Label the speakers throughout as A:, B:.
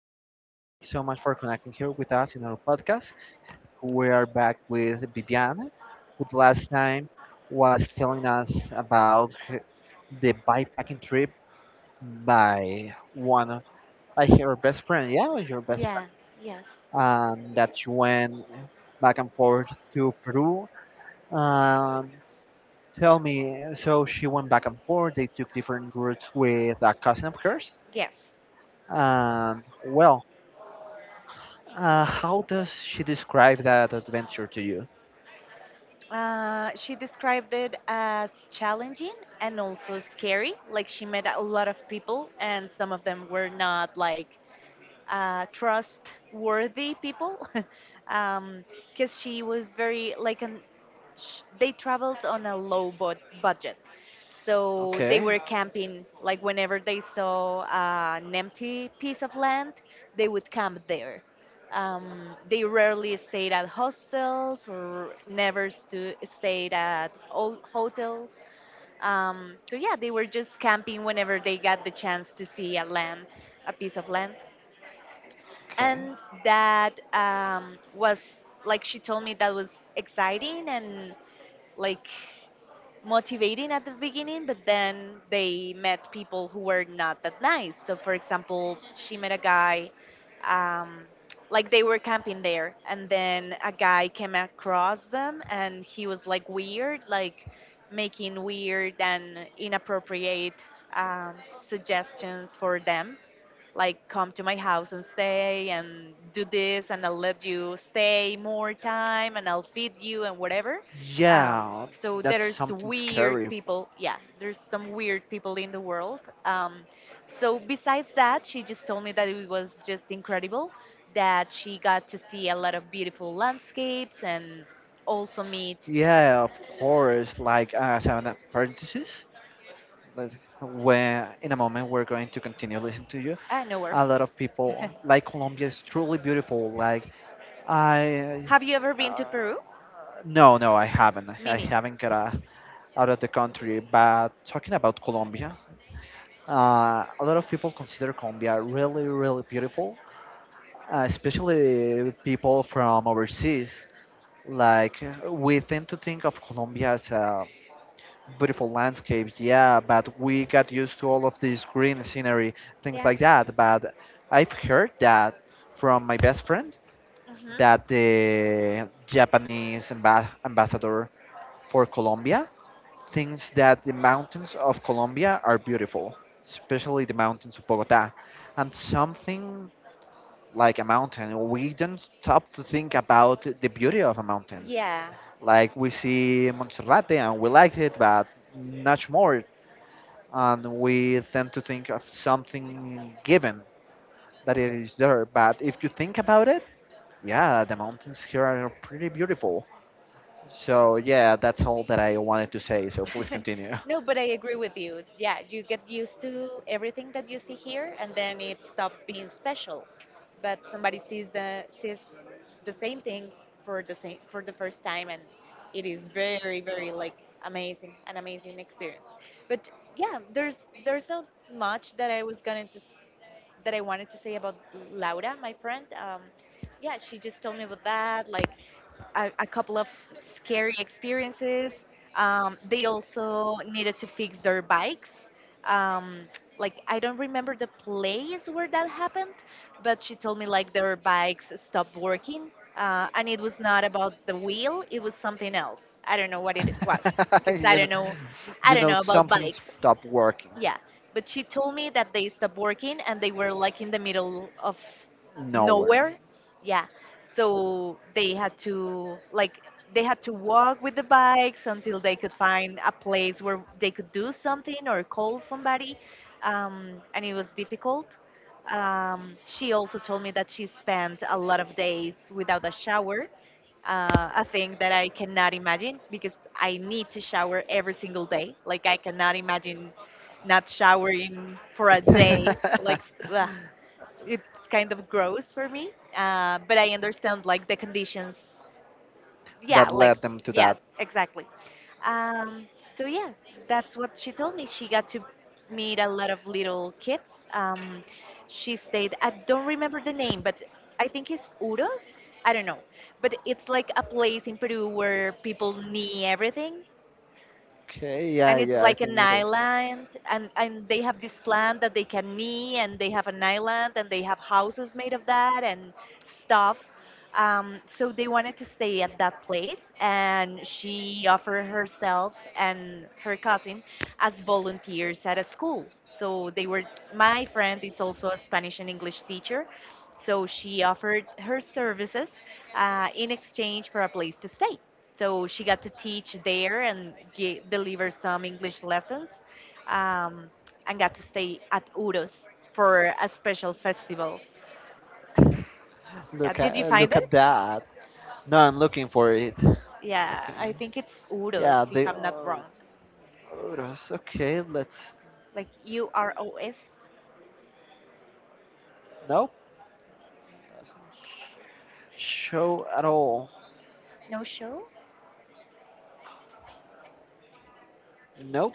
A: everyone. Thank you so much for connecting here with us in our podcast. We are back with Viviane, who the last time was telling us about the bikepacking trip by one of by her best friend. Yeah, your best friend.
B: Yeah, yes.
A: And that you went back and forth to Peru. Um, Tell me, so she went back and forth. They took different routes with a cousin of hers.
B: Yes.
A: And well, how does she describe that adventure to you?
B: She described it as challenging and also scary. Like she met a lot of people, and some of them were not like trustworthy people. um, because she was very like an they traveled on a low budget, so they
A: Okay.
B: were camping like whenever they saw an empty piece of land, they would camp there. They rarely stayed at hostels or never stayed at hotels. So yeah, they were just camping whenever they got the chance to see a land, a piece of land.
A: Okay.
B: And that was like, she told me that was exciting and like motivating at the beginning, but then they met people who were not that nice. So for example, she met a guy, um, like they were camping there and then a guy came across them and he was like weird, like making weird and inappropriate um, suggestions for them, like, "Come to my house and stay and do this and I'll let you stay more time and I'll feed you and whatever." Um,
A: Yeah,
B: so
A: that's
B: there's
A: something
B: weird
A: scary.
B: people. Yeah, there's some weird people in the world. So besides that, she just told me that it was just incredible, that she got to see a lot of beautiful landscapes and also meet.
A: Yeah, of course. Like as an parenthesis, like, when in a moment we're going to continue listening to you.
B: I know where.
A: A lot of people like Colombia is truly beautiful. Like I
B: Have you ever been
A: uh,
B: to Peru?
A: no, no, I haven't.
B: Me
A: I
B: neither.
A: haven't got out of the country. But talking about Colombia, uh, a lot of people consider Colombia really, really beautiful, especially people from overseas. Like we tend to think of Colombia as a beautiful landscape, yeah, but we got used to all of this green scenery, things
B: Yeah.
A: like that. But I've heard that from my best friend
B: Hmm.
A: that the Japanese ambassador for Colombia thinks that the mountains of Colombia are beautiful, especially the mountains of Bogota. And something like a mountain, we don't stop to think about the beauty of a mountain.
B: Yeah.
A: Like we see Montserrat and we like it, but much more. And we tend to think of something given that it is there. But if you think about it, yeah, the mountains here are pretty beautiful. So yeah, that's all that I wanted to say. So please continue.
B: No, but I agree with you. Yeah, you get used to everything that you see here, and then it stops being special. But somebody sees the same things for the same for the first time, and it is very, very like amazing, an amazing experience. But yeah, there's not much that I was that I wanted to say about Laura, my friend. Yeah, she just told me about that, like a couple of scary experiences. They also needed to fix their bikes. Um, like, I don't remember the place where that happened, but she told me like their bikes stopped working, and it was not about the wheel; it was something else. I don't know what it was because
A: you know,
B: I
A: you
B: don't
A: know
B: know about
A: something
B: bikes.
A: stopped working
B: Yeah, but she told me that they stopped working and they were like in the middle of
A: nowhere.
B: nowhere. Yeah, so they had to like, they had to walk with the bikes until they could find a place where they could do something or call somebody, and it was difficult. She also told me that she spent a lot of days without a shower, a thing that I cannot imagine because I need to shower every single day. Like I cannot imagine not showering for a day. Like, ugh, it's kind of gross for me. But I understand like the conditions, yeah,
A: that
B: like,
A: led them to
B: yes,
A: that.
B: exactly. Um, so yeah, that's what she told me. She got to meet a lot of little kids. um, she stayed, I don't remember the name, but I think it's Uros, I don't know, but it's like a place in Peru where people knee everything,
A: Okay, yeah,
B: and it's
A: yeah, I
B: like an
A: think it is.
B: island and they have this plant that they can knee and they have an island and they have houses made of that and stuff. So they wanted to stay at that place and she offered herself and her cousin as volunteers at a school. So they were, my friend is also a Spanish and English teacher, so she offered her services in exchange for a place to stay. So she got to teach there and deliver some English lessons, um, and got to stay at Uros for a special festival. Yeah, did you find
A: Look
B: it?
A: at that. No, I'm looking for it.
B: Yeah,
A: Okay.
B: I think it's
A: Yeah,
B: Uros if
A: they
B: I'm not
A: are
B: wrong.
A: photos. Okay, let's.
B: Like UROS,
A: Nope. Doesn't show at all.
B: no show?
A: Nope.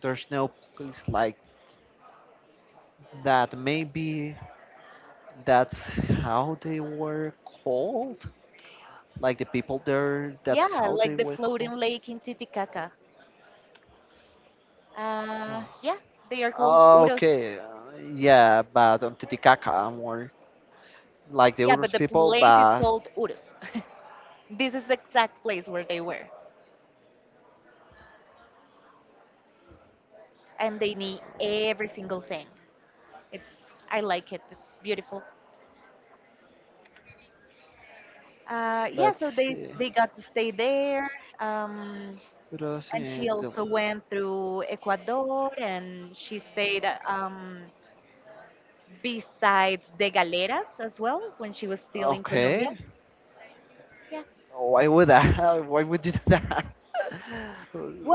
A: There's no place like that. Maybe that's how they were called. Like the people there. That's
B: Yeah,
A: how they
B: like the
A: were
B: floating
A: called.
B: lake in Titicaca.
A: Ah,
B: Yeah, they are called Uros.
A: okay. Yeah, but on Titicaca, more like the
B: Yeah, but
A: Urus
B: the
A: people.
B: place is
A: But
B: called Uros. This is the exact place where they were. And they need every single thing. It's, I like it. It's beautiful. Yeah,
A: let's
B: so they
A: see.
B: they got to stay there. Um, and
A: Rosie
B: she
A: and
B: also
A: Dylan.
B: went through Ecuador and she stayed besides De Galeras as well when she was still in Colombia.
A: Okay.
B: Yeah.
A: Why would I? Why would you do that?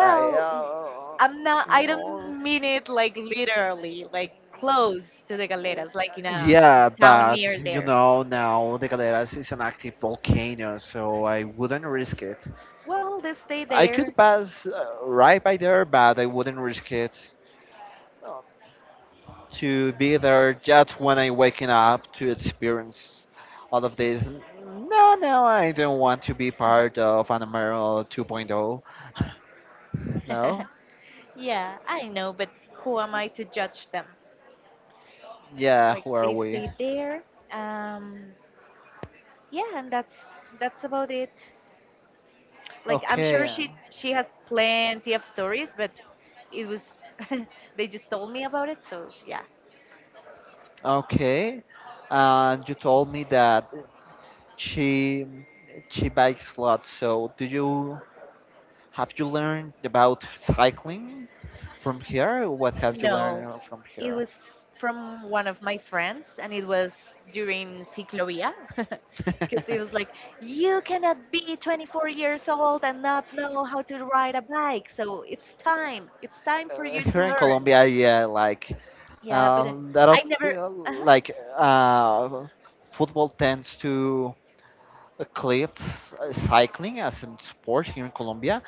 B: l- I'm not, I
A: Oh.
B: don't mean it like literally, like close to De Galeras, like in a
A: Yeah,
B: town
A: but
B: near
A: you
B: there.
A: know now the Galeras is an active volcano, so I wouldn't risk it.
B: Well, they stay
A: I
B: there.
A: could pass right by there, but I wouldn't risk it to be there just when I'm waking up to experience all of this. No, no, I don't want to be part of Animal 2.0. No?
B: Yeah, I know, but who am I to judge them?
A: Yeah,
B: Like,
A: who are
B: they
A: we?
B: stayed there, um yeah, and that's about it. Like, I'm sure
A: Okay.
B: she has plenty of stories, but it was they just told me about it, so yeah.
A: Okay. You told me that she she bikes a lot. So, do you have you learned about cycling from here? What have you
B: No,
A: learned from
B: it
A: here?
B: was from one of my friends and it was during ciclovia. Because it was like, you cannot be 24 years old and not know how to ride a bike, so it's time, it's time for you to
A: Here in
B: learn.
A: Colombia, yeah, like
B: Yeah, but
A: that
B: I
A: of
B: never uh-huh.
A: like uh, football tends to eclipse cycling as a sport here in Colombia,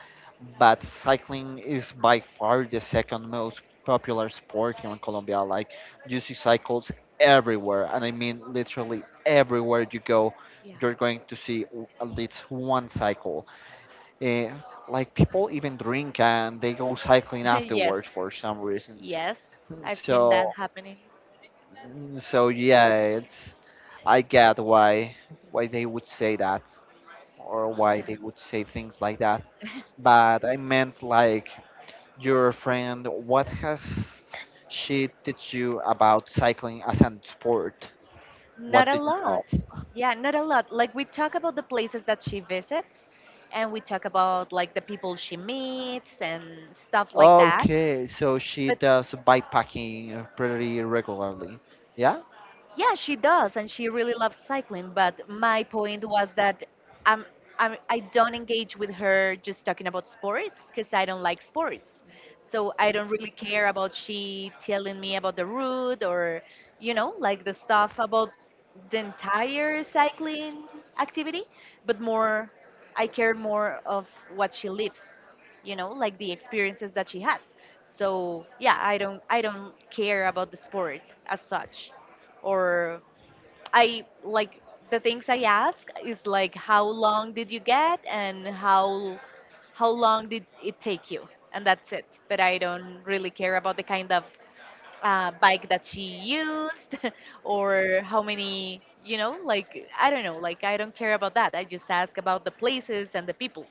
A: but cycling is by far the second most popular sport here in Colombia. Like you see cycles everywhere, and I mean literally everywhere you go.
B: Yeah.
A: You're going to see at least one cycle. Uh, like people even drink and they go cycling
B: Yes,
A: afterwards for some reason.
B: yes, I've seen that
A: So,
B: happening.
A: so yeah, it's I get why they would say that or why
B: Yeah,
A: they would say things like that. But I meant like your friend, what has she teach you about cycling as a sport?
B: not
A: What
B: a
A: did you know?
B: lot. Yeah, not a lot. Like we talk about the places that she visits and we talk about like the people she meets and stuff like that.
A: Okay, so she
B: But
A: does bikepacking pretty regularly. Yeah?
B: yeah, she does, and she really loves cycling. But my point was that I'm, I don't engage with her just talking about sports because I don't like sports. So I don't really care about she telling me about the route or, you know, like the stuff about the entire cycling activity, but more, I care more of what she lives, you know, like the experiences that she has. So yeah, I don't care about the sport as such, or I like, the things I ask is like, how long did you get and how long did it take you, and that's it. But I don't really care about the kind of bike that she used. Or how many, you know, like, I don't know, like, I don't care about that. I just ask about the places and the people.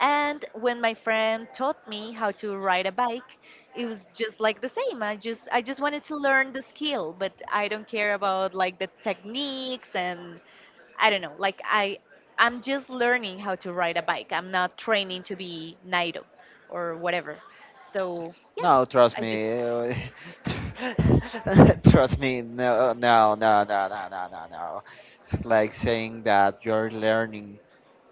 B: And when my friend taught me how to ride a bike, it was just like the same. I just, wanted to learn the skill, but I don't care about like the techniques and I don't know. Like, I'm just learning how to ride a bike. I'm not training to be Nairo or whatever. So, yeah,
A: No, trust
B: I just,
A: me. Trust me. No, no, no, no, no, no, no, no. It's like saying that you're learning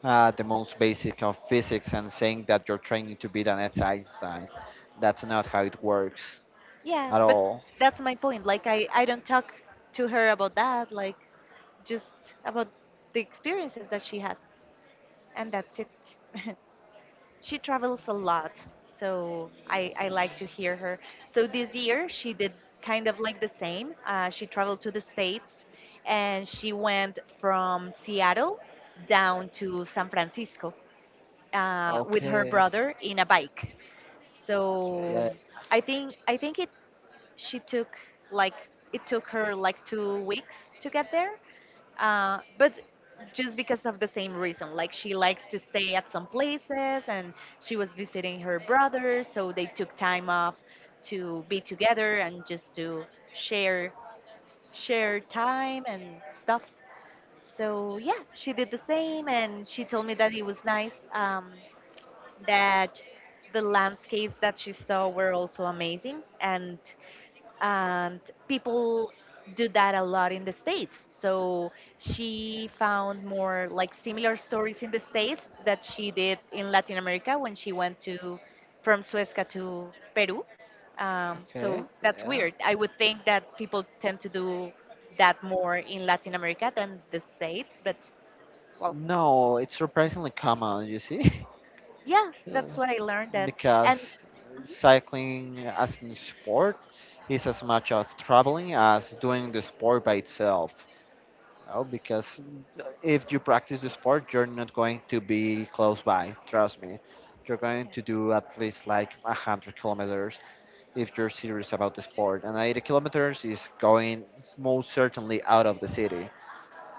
A: the most basic of physics and saying that you're training to be the next Einstein. That's not how it works
B: yeah,
A: at
B: but
A: all.
B: that's my point. Like, I don't talk to her about that, like, just about the experiences that she has. And that's it. She travels a lot, so I like to hear her. So this year she did kind of like the same, she traveled to the States, and she went from Seattle down to San Francisco, with her
A: Okay.
B: brother in a bike. So
A: Yeah.
B: I think it she took, like, it took her like 2 weeks to get there, but just because of the same reason, like she likes to stay at some places, and she was visiting her brother, so they took time off to be together and just to share share time and stuff. So yeah, she did the same, and she told me that it was nice, that the landscapes that she saw were also amazing, and and people do that a lot in the States. So she found more like similar stories in the States that she did in Latin America when she went to, from Suezca to Peru. um,
A: Okay.
B: so that's
A: Yeah.
B: weird. I would think that people tend to do that more in Latin America than the States, but, well,
A: No, it's surprisingly common. You see.
B: yeah, that's what I learned. That And
A: because cycling as a sport is as much of traveling as doing the sport by itself. No, because if you practice the sport, you're not going to be close by. Trust me, you're going
B: yeah.
A: to do at least like 100 kilometers if you're serious about the sport. And 80 kilometers is going most certainly out of the city,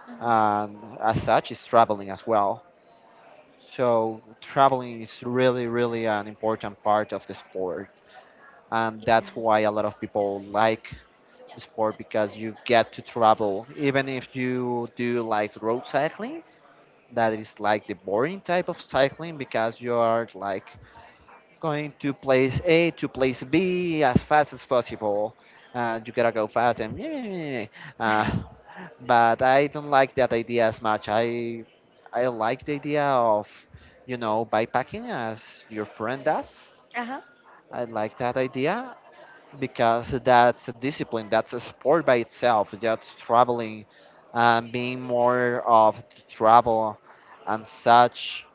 B: Mhm.
A: and as such, is traveling as well. So traveling is really, really an important part of the sport and that's
B: Yeah.
A: why a lot of people like the sport because you get to travel even if you do like road cycling that is like the boring type of cycling because you are like going to place A to place B as fast as possible and you gotta go fast and uh, but I don't like that idea as much I like the idea of you know bikepacking as your friend does
B: Uh-huh.
A: I like that idea because that's a discipline, that's a sport by itself. That's traveling, being more of the travel and such.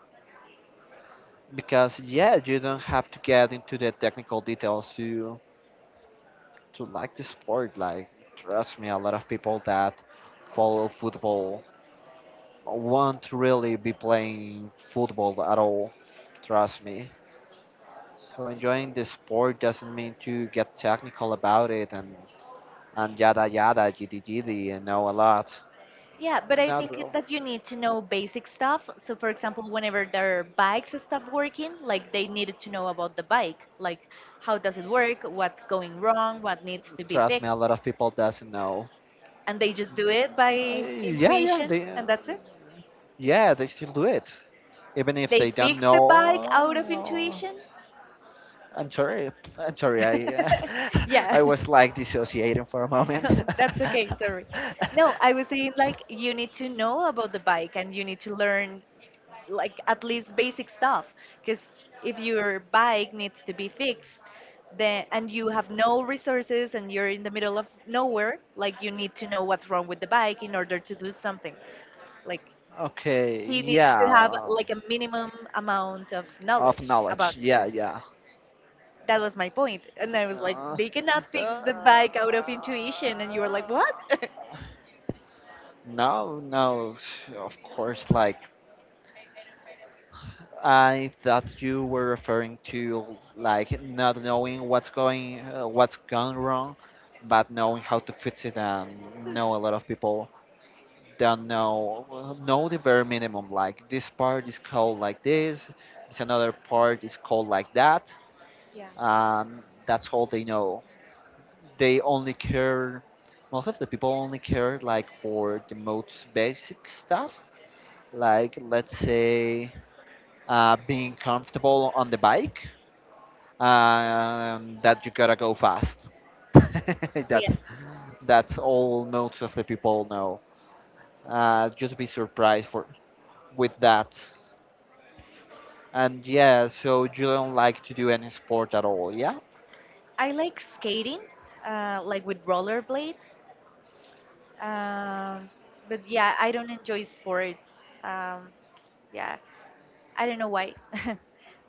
A: Because yeah, you don't have to get into the technical details to like the sport. Like trust me, a lot of people that follow football won't really be playing football at all. Trust me. So enjoying the sport doesn't mean to get technical about it and yada yada, giddy giddy, and know a lot.
B: Yeah, but I
A: Not
B: think
A: real.
B: that you need to know basic stuff. So, for example, whenever their bikes stop working, like, they needed to know about the bike, like, how does it work, what's going wrong, what needs to be
A: Trust me, a lot
B: fixed.
A: of people doesn't know.
B: And they just do it
A: Uh,
B: by
A: yeah, yeah,
B: intuition,
A: they, uh,
B: and that's it.
A: yeah, they still do it, even if
B: They
A: they don't
B: fix the bike out of
A: know.
B: intuition.
A: I'm sorry, I'm sorry, I, uh,
B: Yeah,
A: I was like dissociating for a moment.
B: no, that's okay. Sorry. No, I was saying like, you need to know about the bike and you need to learn like at least basic stuff, because if your bike needs to be fixed, then and you have no resources and you're in the middle of nowhere, like, you need to know what's wrong with the bike in order to do something, like,
A: okay,
B: she needs to
A: yeah,
B: have
A: uh,
B: like a minimum amount of
A: Of
B: knowledge about,
A: knowledge, yeah,
B: yeah,
A: yeah.
B: that was my point. And I was like,
A: Uh,
B: they cannot fix the bike
A: uh,
B: out of intuition, and you were like, what?
A: no, no, of course, like I thought you were referring to like not knowing what's going what's gone wrong, but knowing how to fix it. And know a lot of people don't know the very minimum. Like this part is called like this another part is called like that,
B: Yeah.
A: and that's all they know. They only care. Most of the people only care like for the most basic stuff, like let's say being comfortable on the bike that you gotta go fast.
B: Yeah,
A: that's that's all most of the people know. Just be surprised for with that. And yeah, so you don't like to do any sport at all, yeah?
B: I like skating, like with rollerblades. Um, but yeah, I don't enjoy sports. Um, yeah, I don't know why.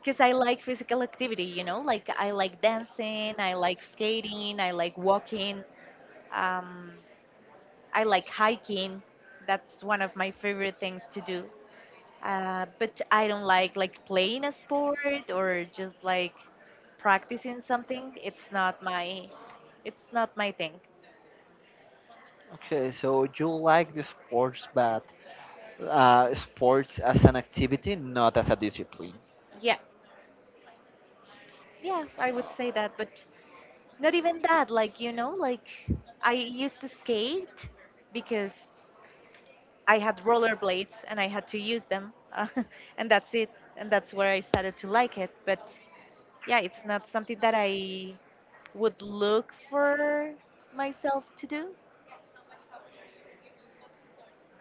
B: Because I like physical activity, you know, like I like dancing, I like skating, I like walking, um, I like hiking. That's one of my favorite things to do. But I don't like playing a sport or just like practicing something. It's not my thing.
A: Okay, so you like the sports, but sports as an activity, not as a discipline.
B: Yeah, yeah, I would say that. But not even that, like, you know, like I used to skate because I had rollerblades and I had to use them. And that's it. And that's where I started to like it. But yeah, it's not something that I would look for myself to do.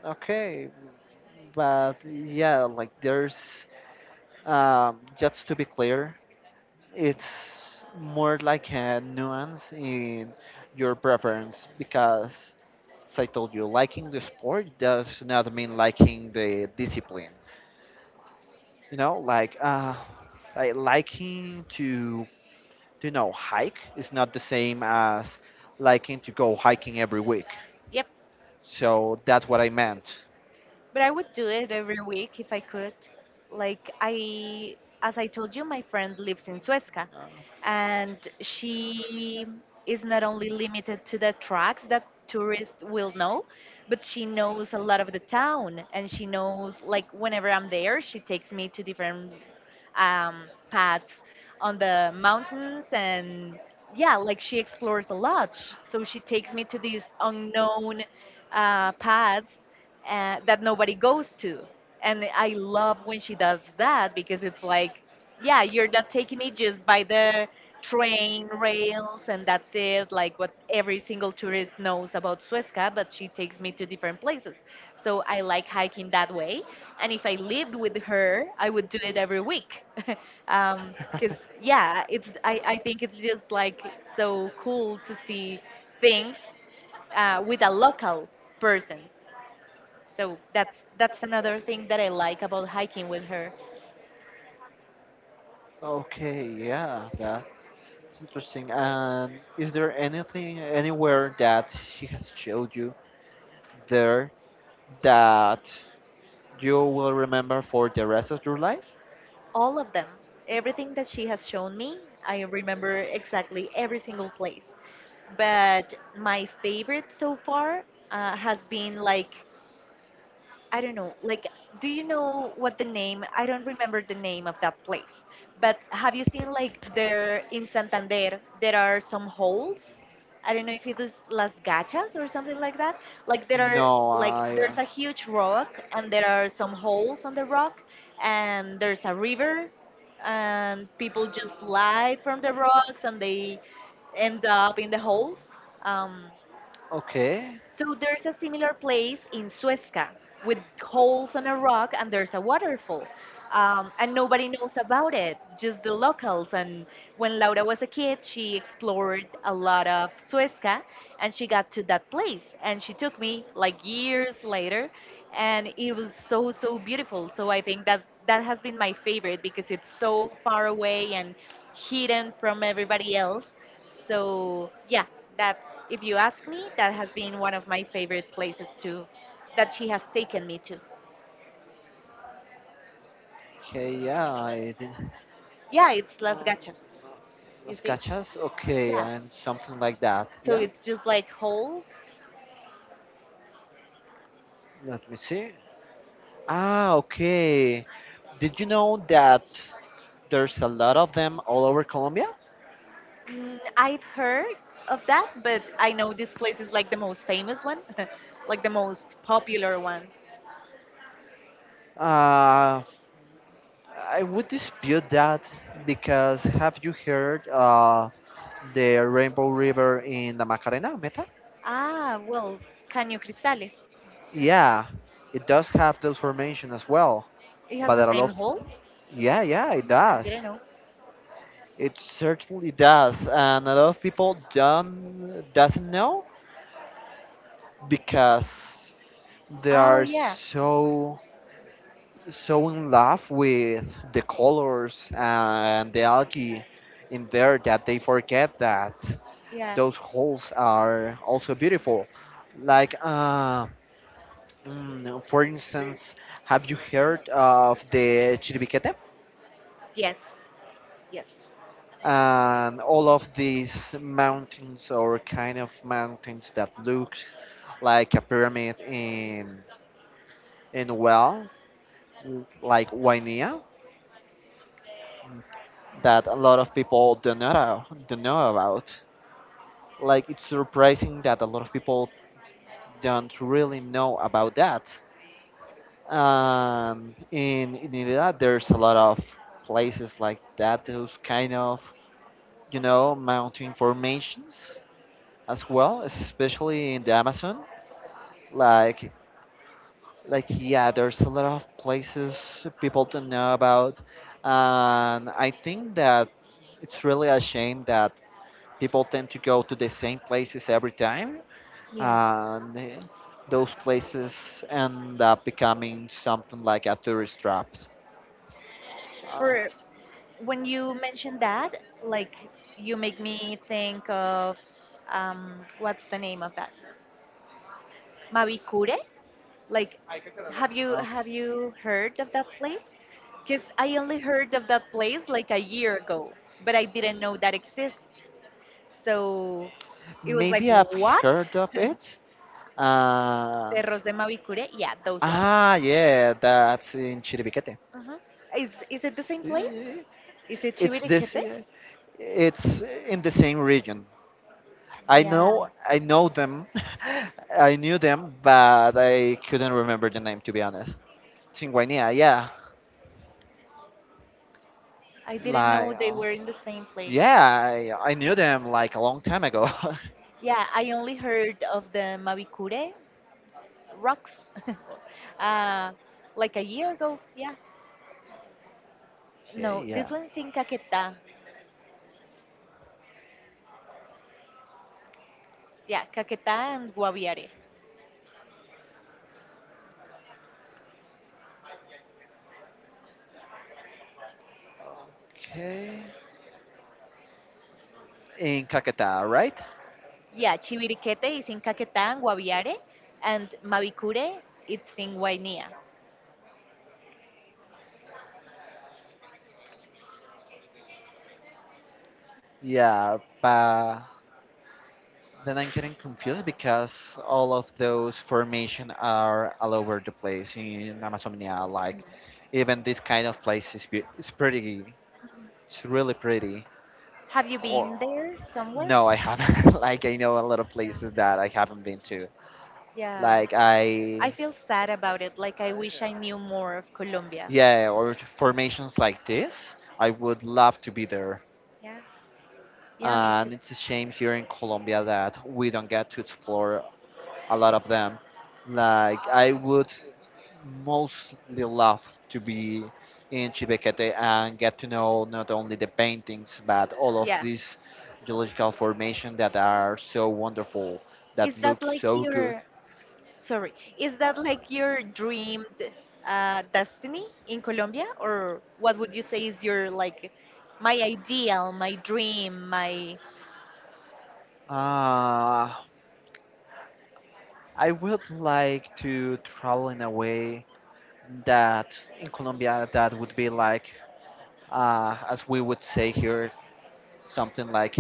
A: Okay, but yeah, like there's just to be clear, it's more like a nuance in your preference because as I told you liking the sport does not mean liking the discipline you know like liking to you know hike is not the same as liking to go hiking every week
B: Yep.
A: so that's what I meant
B: But I would do it every week if I could. Like I, as I told you, my friend lives in Suezca,
A: Uh,
B: and she is not only limited to the tracks that tourists will know, but she knows a lot of the town, and she knows like whenever I'm there, she takes me to different paths on the mountains. And yeah, like she explores a lot. So she takes me to these unknown paths that nobody goes to. And I love when she does that, because it's like, yeah, you're not taking me just by the train rails and that's it, like what every single tourist knows about Suezca, but she takes me to different places. So I like hiking that way. And if I lived with her, I would do it every week. 'Cause because yeah, I think it's just like so cool to see things with a local person. So that's another thing that I like about hiking with her.
A: Okay, yeah, that's interesting. And is there anything anywhere that she has showed you there that you will remember for the rest of your life?
B: All of them, everything that she has shown me, I remember exactly every single place. But my favorite so far has been like, I don't know, like, do you know what the name? I don't remember the name of that place, but have you seen like there in Santander there are some holes? I don't know if it is Las Gachas or something like that. Like there are
A: No,
B: like
A: I.
B: there's a huge rock and there are some holes on the rock and there's a river, and people just slide from the rocks and they end up in the holes. Um,
A: Okay.
B: so there's a similar place in Suezca with holes on a rock and there's a waterfall. And nobody knows about it, just the locals. And when Laura was a kid, she explored a lot of Suezca and she got to that place. And she took me like years later, and it was so, so beautiful. So I think that that has been my favorite, because it's so far away and hidden from everybody else. So yeah, that's, if you ask me, that has been one of my favorite places to that she has taken me to.
A: Okay, yeah, I did.
B: Yeah, it's Las
A: Um,
B: Gachas. You
A: Las
B: see?
A: Cachas? Okay,
B: Yeah.
A: and something like that.
B: So
A: Yeah?
B: it's just like holes.
A: Let me see. Ah, okay. Did you know that there's a lot of them all over Colombia?
B: Mm, I've heard of that, but I know this place is like the most famous one, like the most popular one.
A: Uh, I would dispute that because have you heard of the Rainbow River in the Macarena Meta?
B: Ah, well, Caño Cristales.
A: Yeah, it does have those formation as well,
B: It has
A: but
B: the
A: a
B: same
A: lot of
B: holes.
A: yeah, yeah, it
B: Mm, I didn't
A: does.
B: know.
A: It certainly does, and a lot of people don't doesn't know because they
B: Oh
A: are
B: yeah,
A: so so in love with the colors and the algae in there that they forget that
B: yeah.
A: those holes are also beautiful. Like, mm, for instance, have you heard of the Chiribiquete?
B: Yes, yes.
A: And all of these mountains or kind of mountains that look like a pyramid in well, like Wainea, that a lot of people don't know about. Like, it's surprising that a lot of people don't really know about that. In Irida, there's a lot of places like that, those kind of you know mountain formations as well, especially in the Amazon. Like like yeah, there's a lot of places people don't know about, and I think that it's really a shame that people tend to go to the same places every time,
B: Yeah.
A: and those places end up becoming something like a tourist traps.
B: For when you mention that, like, you make me think of what's the name of that? Mavicure? Like,
A: Okay.
B: have you heard of that place? Because I only heard of that place like a year ago, but I didn't know that exists. So it was like,
A: Maybe I've
B: what?
A: heard of it. And
B: Cerros de Mavicure? Yeah, those ones.
A: yeah, that's in Chiribiquete.
B: Mhm. Is it the same place?
A: Eh,
B: Is it
A: It's this.
B: Chiviriquete?
A: eh, It's in the same region. I
B: Yeah,
A: know. I know them. I knew them, but I couldn't remember the name to be honest. Chinguania, yeah.
B: I didn't know
A: Like,
B: they were in the same place.
A: yeah, I knew them like a long time ago.
B: Yeah, I only heard of the Mavicure rocks uh, like a year ago. Yeah.
A: okay,
B: No, this
A: yeah.
B: one's in Caquetá. Yeah, Caquetá and Guaviare.
A: Okay. In Caquetá, right?
B: Yeah, Chiviriquete is in Caquetá and Guaviare, and Mavicure, it's in Guainía.
A: Yeah, but then I'm getting confused because all of those formation are all over the place in Amazonia. Like
B: Mm.
A: even this kind of place is it's pretty. It's really pretty.
B: Have you
A: Or
B: been there somewhere?
A: No, I haven't. like I know a lot of
B: Yeah,
A: places that I haven't been to.
B: yeah.
A: Like
B: I
A: I
B: feel sad about it. Like, I wish I knew more of Colombia.
A: Yeah, or formations like this, I would love to be there.
B: Yeah. Yeah, me too.
A: And it's a shame here in Colombia that we don't get to explore a lot of them. Like, I would mostly love to be in Chibekete and get to know not only the paintings but all of
B: Yeah.
A: these geological formations that are so wonderful, that
B: Is that
A: look
B: like
A: so good.
B: your, sorry, is that like your dreamed destiny in Colombia, or what would you say is your like my ideal, my dream, my
A: Uh, I would like to travel in a way that in Colombia that would be like, as we would say here, something like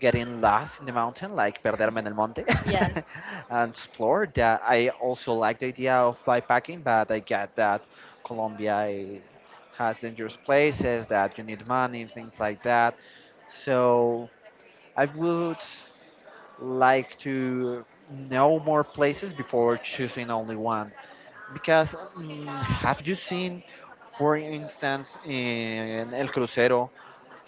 A: getting lost in the mountain, like perderme en el monte,
B: yeah?
A: and explore that. I also like the idea of bikepacking, but I get that Colombia has dangerous places, that you need money, things like that. So I would like to know more places before choosing only one. Because have you seen, for instance, in El Crucero?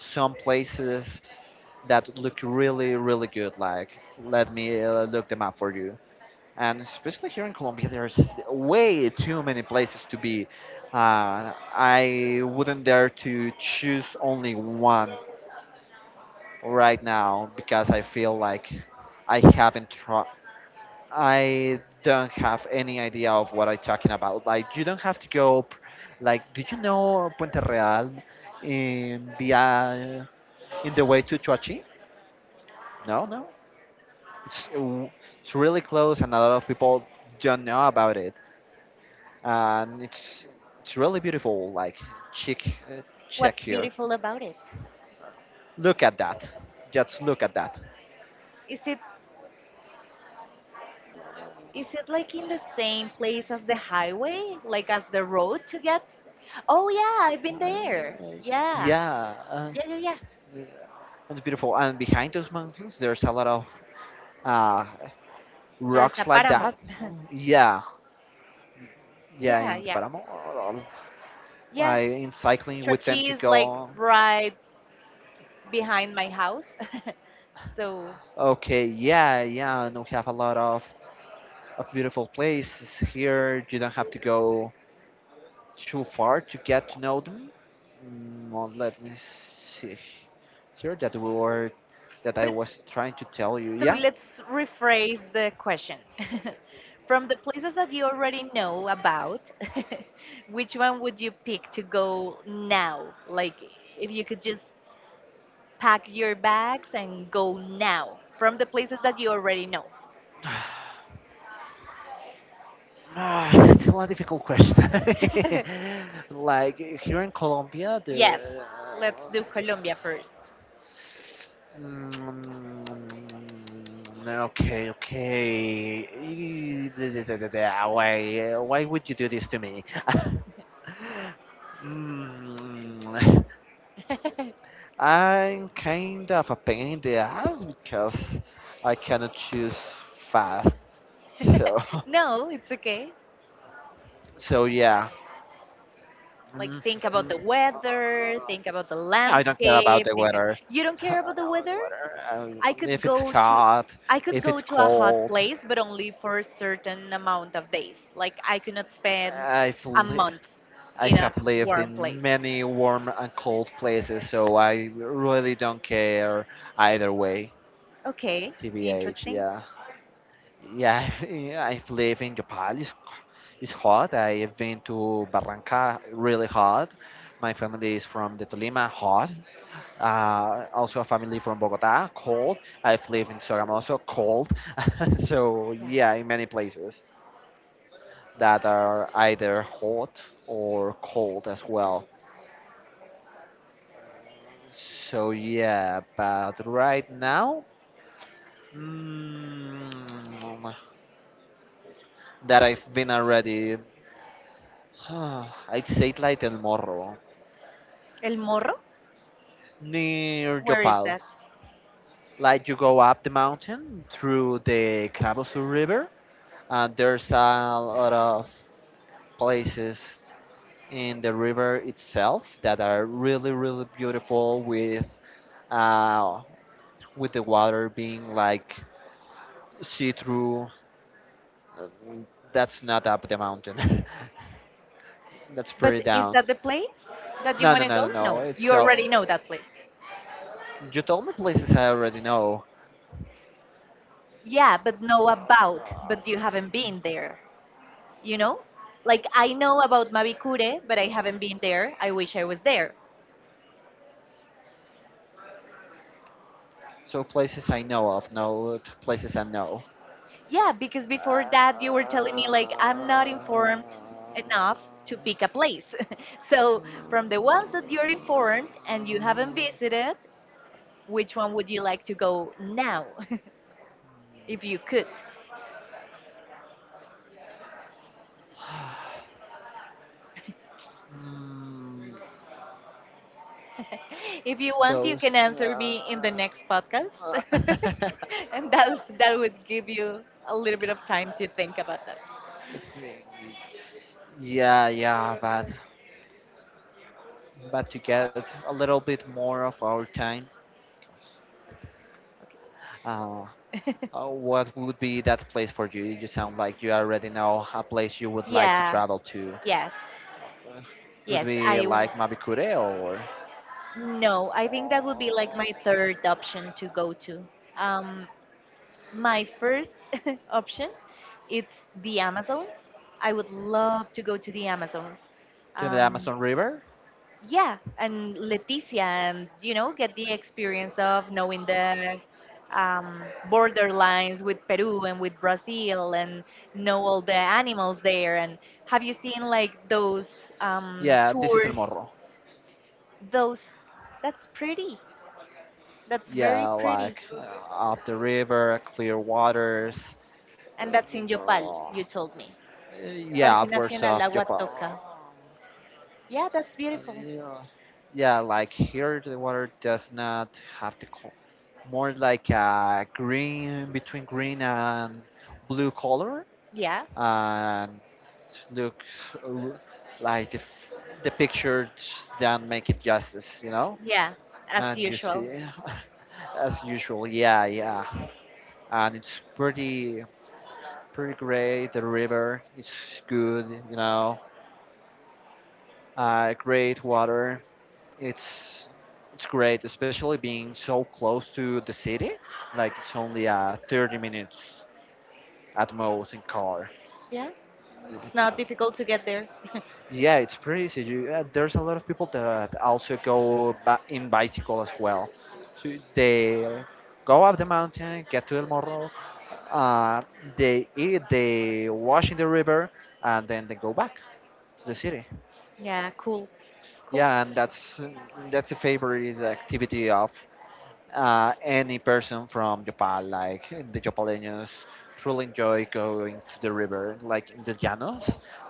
A: Some places that look really really good, like let me look them up for you. And especially here in Colombia there's way too many places to be. I wouldn't dare to choose only one right now because I feel like i haven't tried I don't have any idea of what I'm talking about. Like you don't have to go like, did you know Puente Real in via in the way to Choachi? No, no. It's it's really close, and a lot of people don't know about it. And it's really beautiful, like chic. uh, Check
B: What's
A: here.
B: beautiful about it?
A: Look at that. Just look at that.
B: Is it is it like in the same place as the highway, like as the road to get? Oh yeah, I've been there.
A: I-
B: Yeah,
A: yeah,
B: yeah.
A: yeah, it's beautiful. And behind those mountains, there's a lot of uh,
B: There's a
A: rocks like
B: paramo.
A: that. Yeah, yeah,
B: yeah,
A: in the
B: yeah,
A: Paramo.
B: yeah.
A: I, in cycling, we tend to
B: Trochi is like
A: go.
B: right behind my house, so.
A: Okay, yeah, yeah, and we have a lot of a beautiful place here. You don't have to go too far to get to know them. Well, let me see here that we were that I
B: But
A: was trying to tell you.
B: so
A: Yeah.
B: let's rephrase the question. From the places that you already know about, which one would you pick to go now? Like, if you could just pack your bags and go now from the places that you already know.
A: Ah, still a difficult question. Like here in Colombia,
B: Yes,
A: there.
B: let's
A: uh,
B: do Colombia first.
A: Mm, okay, okay. Why would you do this to me? Mm. I'm kind of a pain in the ass because I cannot choose fast. So,
B: No, it's okay.
A: so yeah.
B: Like,
A: Mm,
B: think about
A: mm.
B: the weather, think about the
A: I don't care about
B: landscape,
A: the
B: think.
A: weather.
B: You don't
A: I
B: care about the
A: don't want the
B: weather?
A: weather.
B: I could
A: If it's
B: go to
A: hot,
B: I could
A: if
B: go
A: it's
B: to a hot
A: cold.
B: place, but only for a certain amount of days. Like I could not spend
A: I've
B: a
A: li-
B: month
A: I
B: in a
A: have lived
B: warm
A: in
B: place.
A: many warm and cold places, so I really don't care either way.
B: Okay,
A: TBH,
B: interesting.
A: yeah, yeah. I've lived in Japan. It's hot. I've been to Barranca, really hot. My family is from the Tolima, hot. Also a family from Bogota, cold. I've lived in Sogamoso, cold. So
B: Yeah.
A: yeah, in many places that are either hot or cold as well. So yeah, but right now, mm, that I've been already, I'd say like El Morro,
B: El Morro,
A: near
B: where is
A: Yopal.
B: that?
A: Like you go up the mountain through the Calabozo River, and there's a lot of places in the river itself that are really really beautiful uh, with the water being like see through. uh, That's not up the mountain. That's pretty
B: But is
A: down.
B: that the place that you
A: No,
B: want
A: no,
B: to
A: no,
B: go?
A: no, no.
B: No, you
A: It's
B: already know that place.
A: you told me places I already know.
B: Yeah, but know about, but you haven't been there. You know, like I know about Mavicure, but I haven't been there. I wish I was there.
A: So places I know of, no, places I know.
B: Yeah, because before that you were telling me like I'm not informed enough to pick a place. So from the ones that you're informed and you haven't visited, which one would you like to go now if you could?
A: Mm,
B: If you want, you
A: those.
B: can answer me in the next podcast.
A: uh,
B: And that would give you a little bit of time to think about that.
A: It's- Yeah, yeah, but to get a little bit more of our time, uh,
B: Okay.
A: what would be that place for you? You sound like you already know a place you would like to
B: Yeah,
A: travel to.
B: yes.
A: Uh, Would
B: Yes,
A: be
B: I
A: like Mabikure or
B: No, I think that would be like my third option to go to. Um, my first option, it's the Amazons. I would love to go to the Amazons.
A: to the
B: Um,
A: Amazon River?
B: yeah, and Leticia, and you know, get the experience of knowing the um, borderlines with Peru and with Brazil, and know all the animals there. And have you seen like those
A: Yeah, this is El
B: tours?
A: Morro.
B: Those, that's pretty. That's very
A: Yeah,
B: pretty.
A: like up the river, clear waters. uh,
B: And that's in Yopal,
A: uh,
B: you told me.
A: yeah,
B: Parque
A: upwards
B: Nacional
A: of
B: Agua
A: Japan.
B: Toca. Yeah, that's beautiful.
A: Yeah, yeah. Like here, the water does not have the more like a green, between green and blue color,
B: Yeah,
A: and it looks r- like the f- the pictures don't make it justice, you know.
B: yeah, as
A: And you
B: usual.
A: see, as usual, yeah, yeah. And it's pretty great. The river is good, you know. Great water. it's it's great, especially being so close to the city. Like it's only 30 minutes at most in car.
B: Yeah, it's
A: Like,
B: not difficult to get there.
A: yeah, it's pretty easy. You, there's a lot of people that also go in bicycle as well. So they go up the mountain, get to El Morro, uh, they eat, they wash in the river, and then they go back to the city.
B: Yeah, cool, cool.
A: Yeah, and that's a favorite activity of any person from Japan, like the Japaleños, truly enjoy going to the river, like in the Llanos.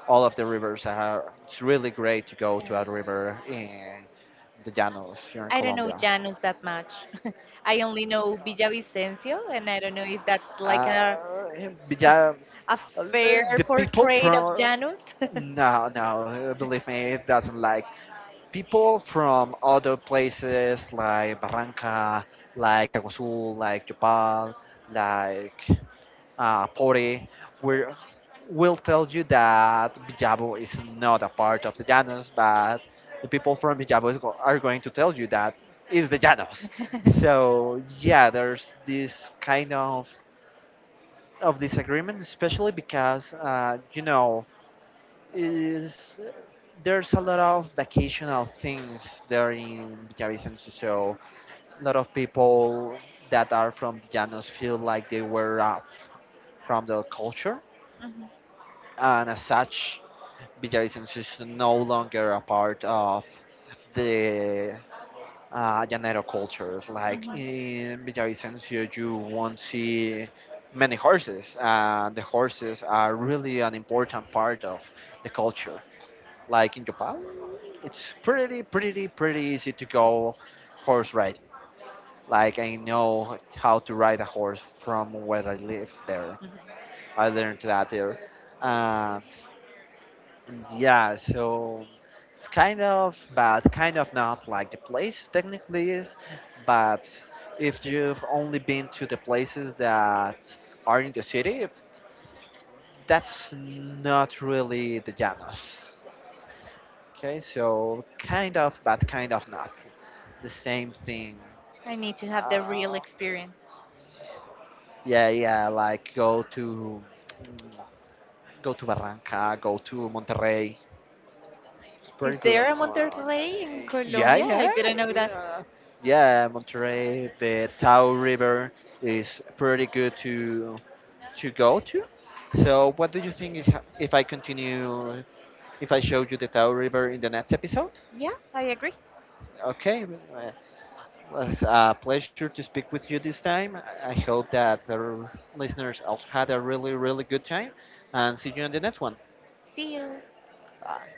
A: All of the rivers are, it's really great to go
B: Yeah.
A: to a river in the Llanos here in
B: I don't know
A: Colombia.
B: Janus that much. I only know Villavicencio, and I don't know if that's like
A: Uh, but yeah,
B: a
A: uh,
B: fair
A: the people
B: portrait of
A: from,
B: Janus.
A: no, no, believe me, it doesn't like people from other places like Barranca, like Aguazul, like Japal, like Pore, where will tell you that Villavo is not a part of the Llanos, but the people from Villavo are going to tell you that is the Llanos. So yeah, there's this kind of disagreement, especially because you know is there's a lot of vacational things there in Villavicencio. So a lot of people that are from the Llanos feel like they were off from their culture
B: Mhm,
A: and as such, Villavicencio is no longer a part of the Llanero culture. Like
B: mhm,
A: in Villavicencio, you won't see many horses, and the horses are really an important part of the culture. Like in Yopal, it's pretty, pretty, pretty easy to go horse riding. Like I know how to ride a horse from where I live there.
B: mhm.
A: I learned that there. And yeah, so it's kind of, but kind of not like the place technically is. But if you've only been to the places that are in the city, that's not really the Llanos. Okay, so kind of, but kind of not the same thing.
B: I need to have the real
A: Uh,
B: experience.
A: yeah, yeah, like go to go to Barranca, go to Monterrey. It's
B: Is
A: pretty good.
B: there a Monterrey in
A: Yeah,
B: Colombia? I
A: yeah,
B: didn't know that.
A: yeah, yeah. Monterey, the Tao River is pretty good to go to. So, what do you think is if I continue, if I show you the Tao River in the next episode?
B: Yeah, I agree.
A: Okay, uh, was a pleasure to speak with you this time. I hope that the listeners also had a really, really good time, and see you on the next one.
B: See you.
A: Bye.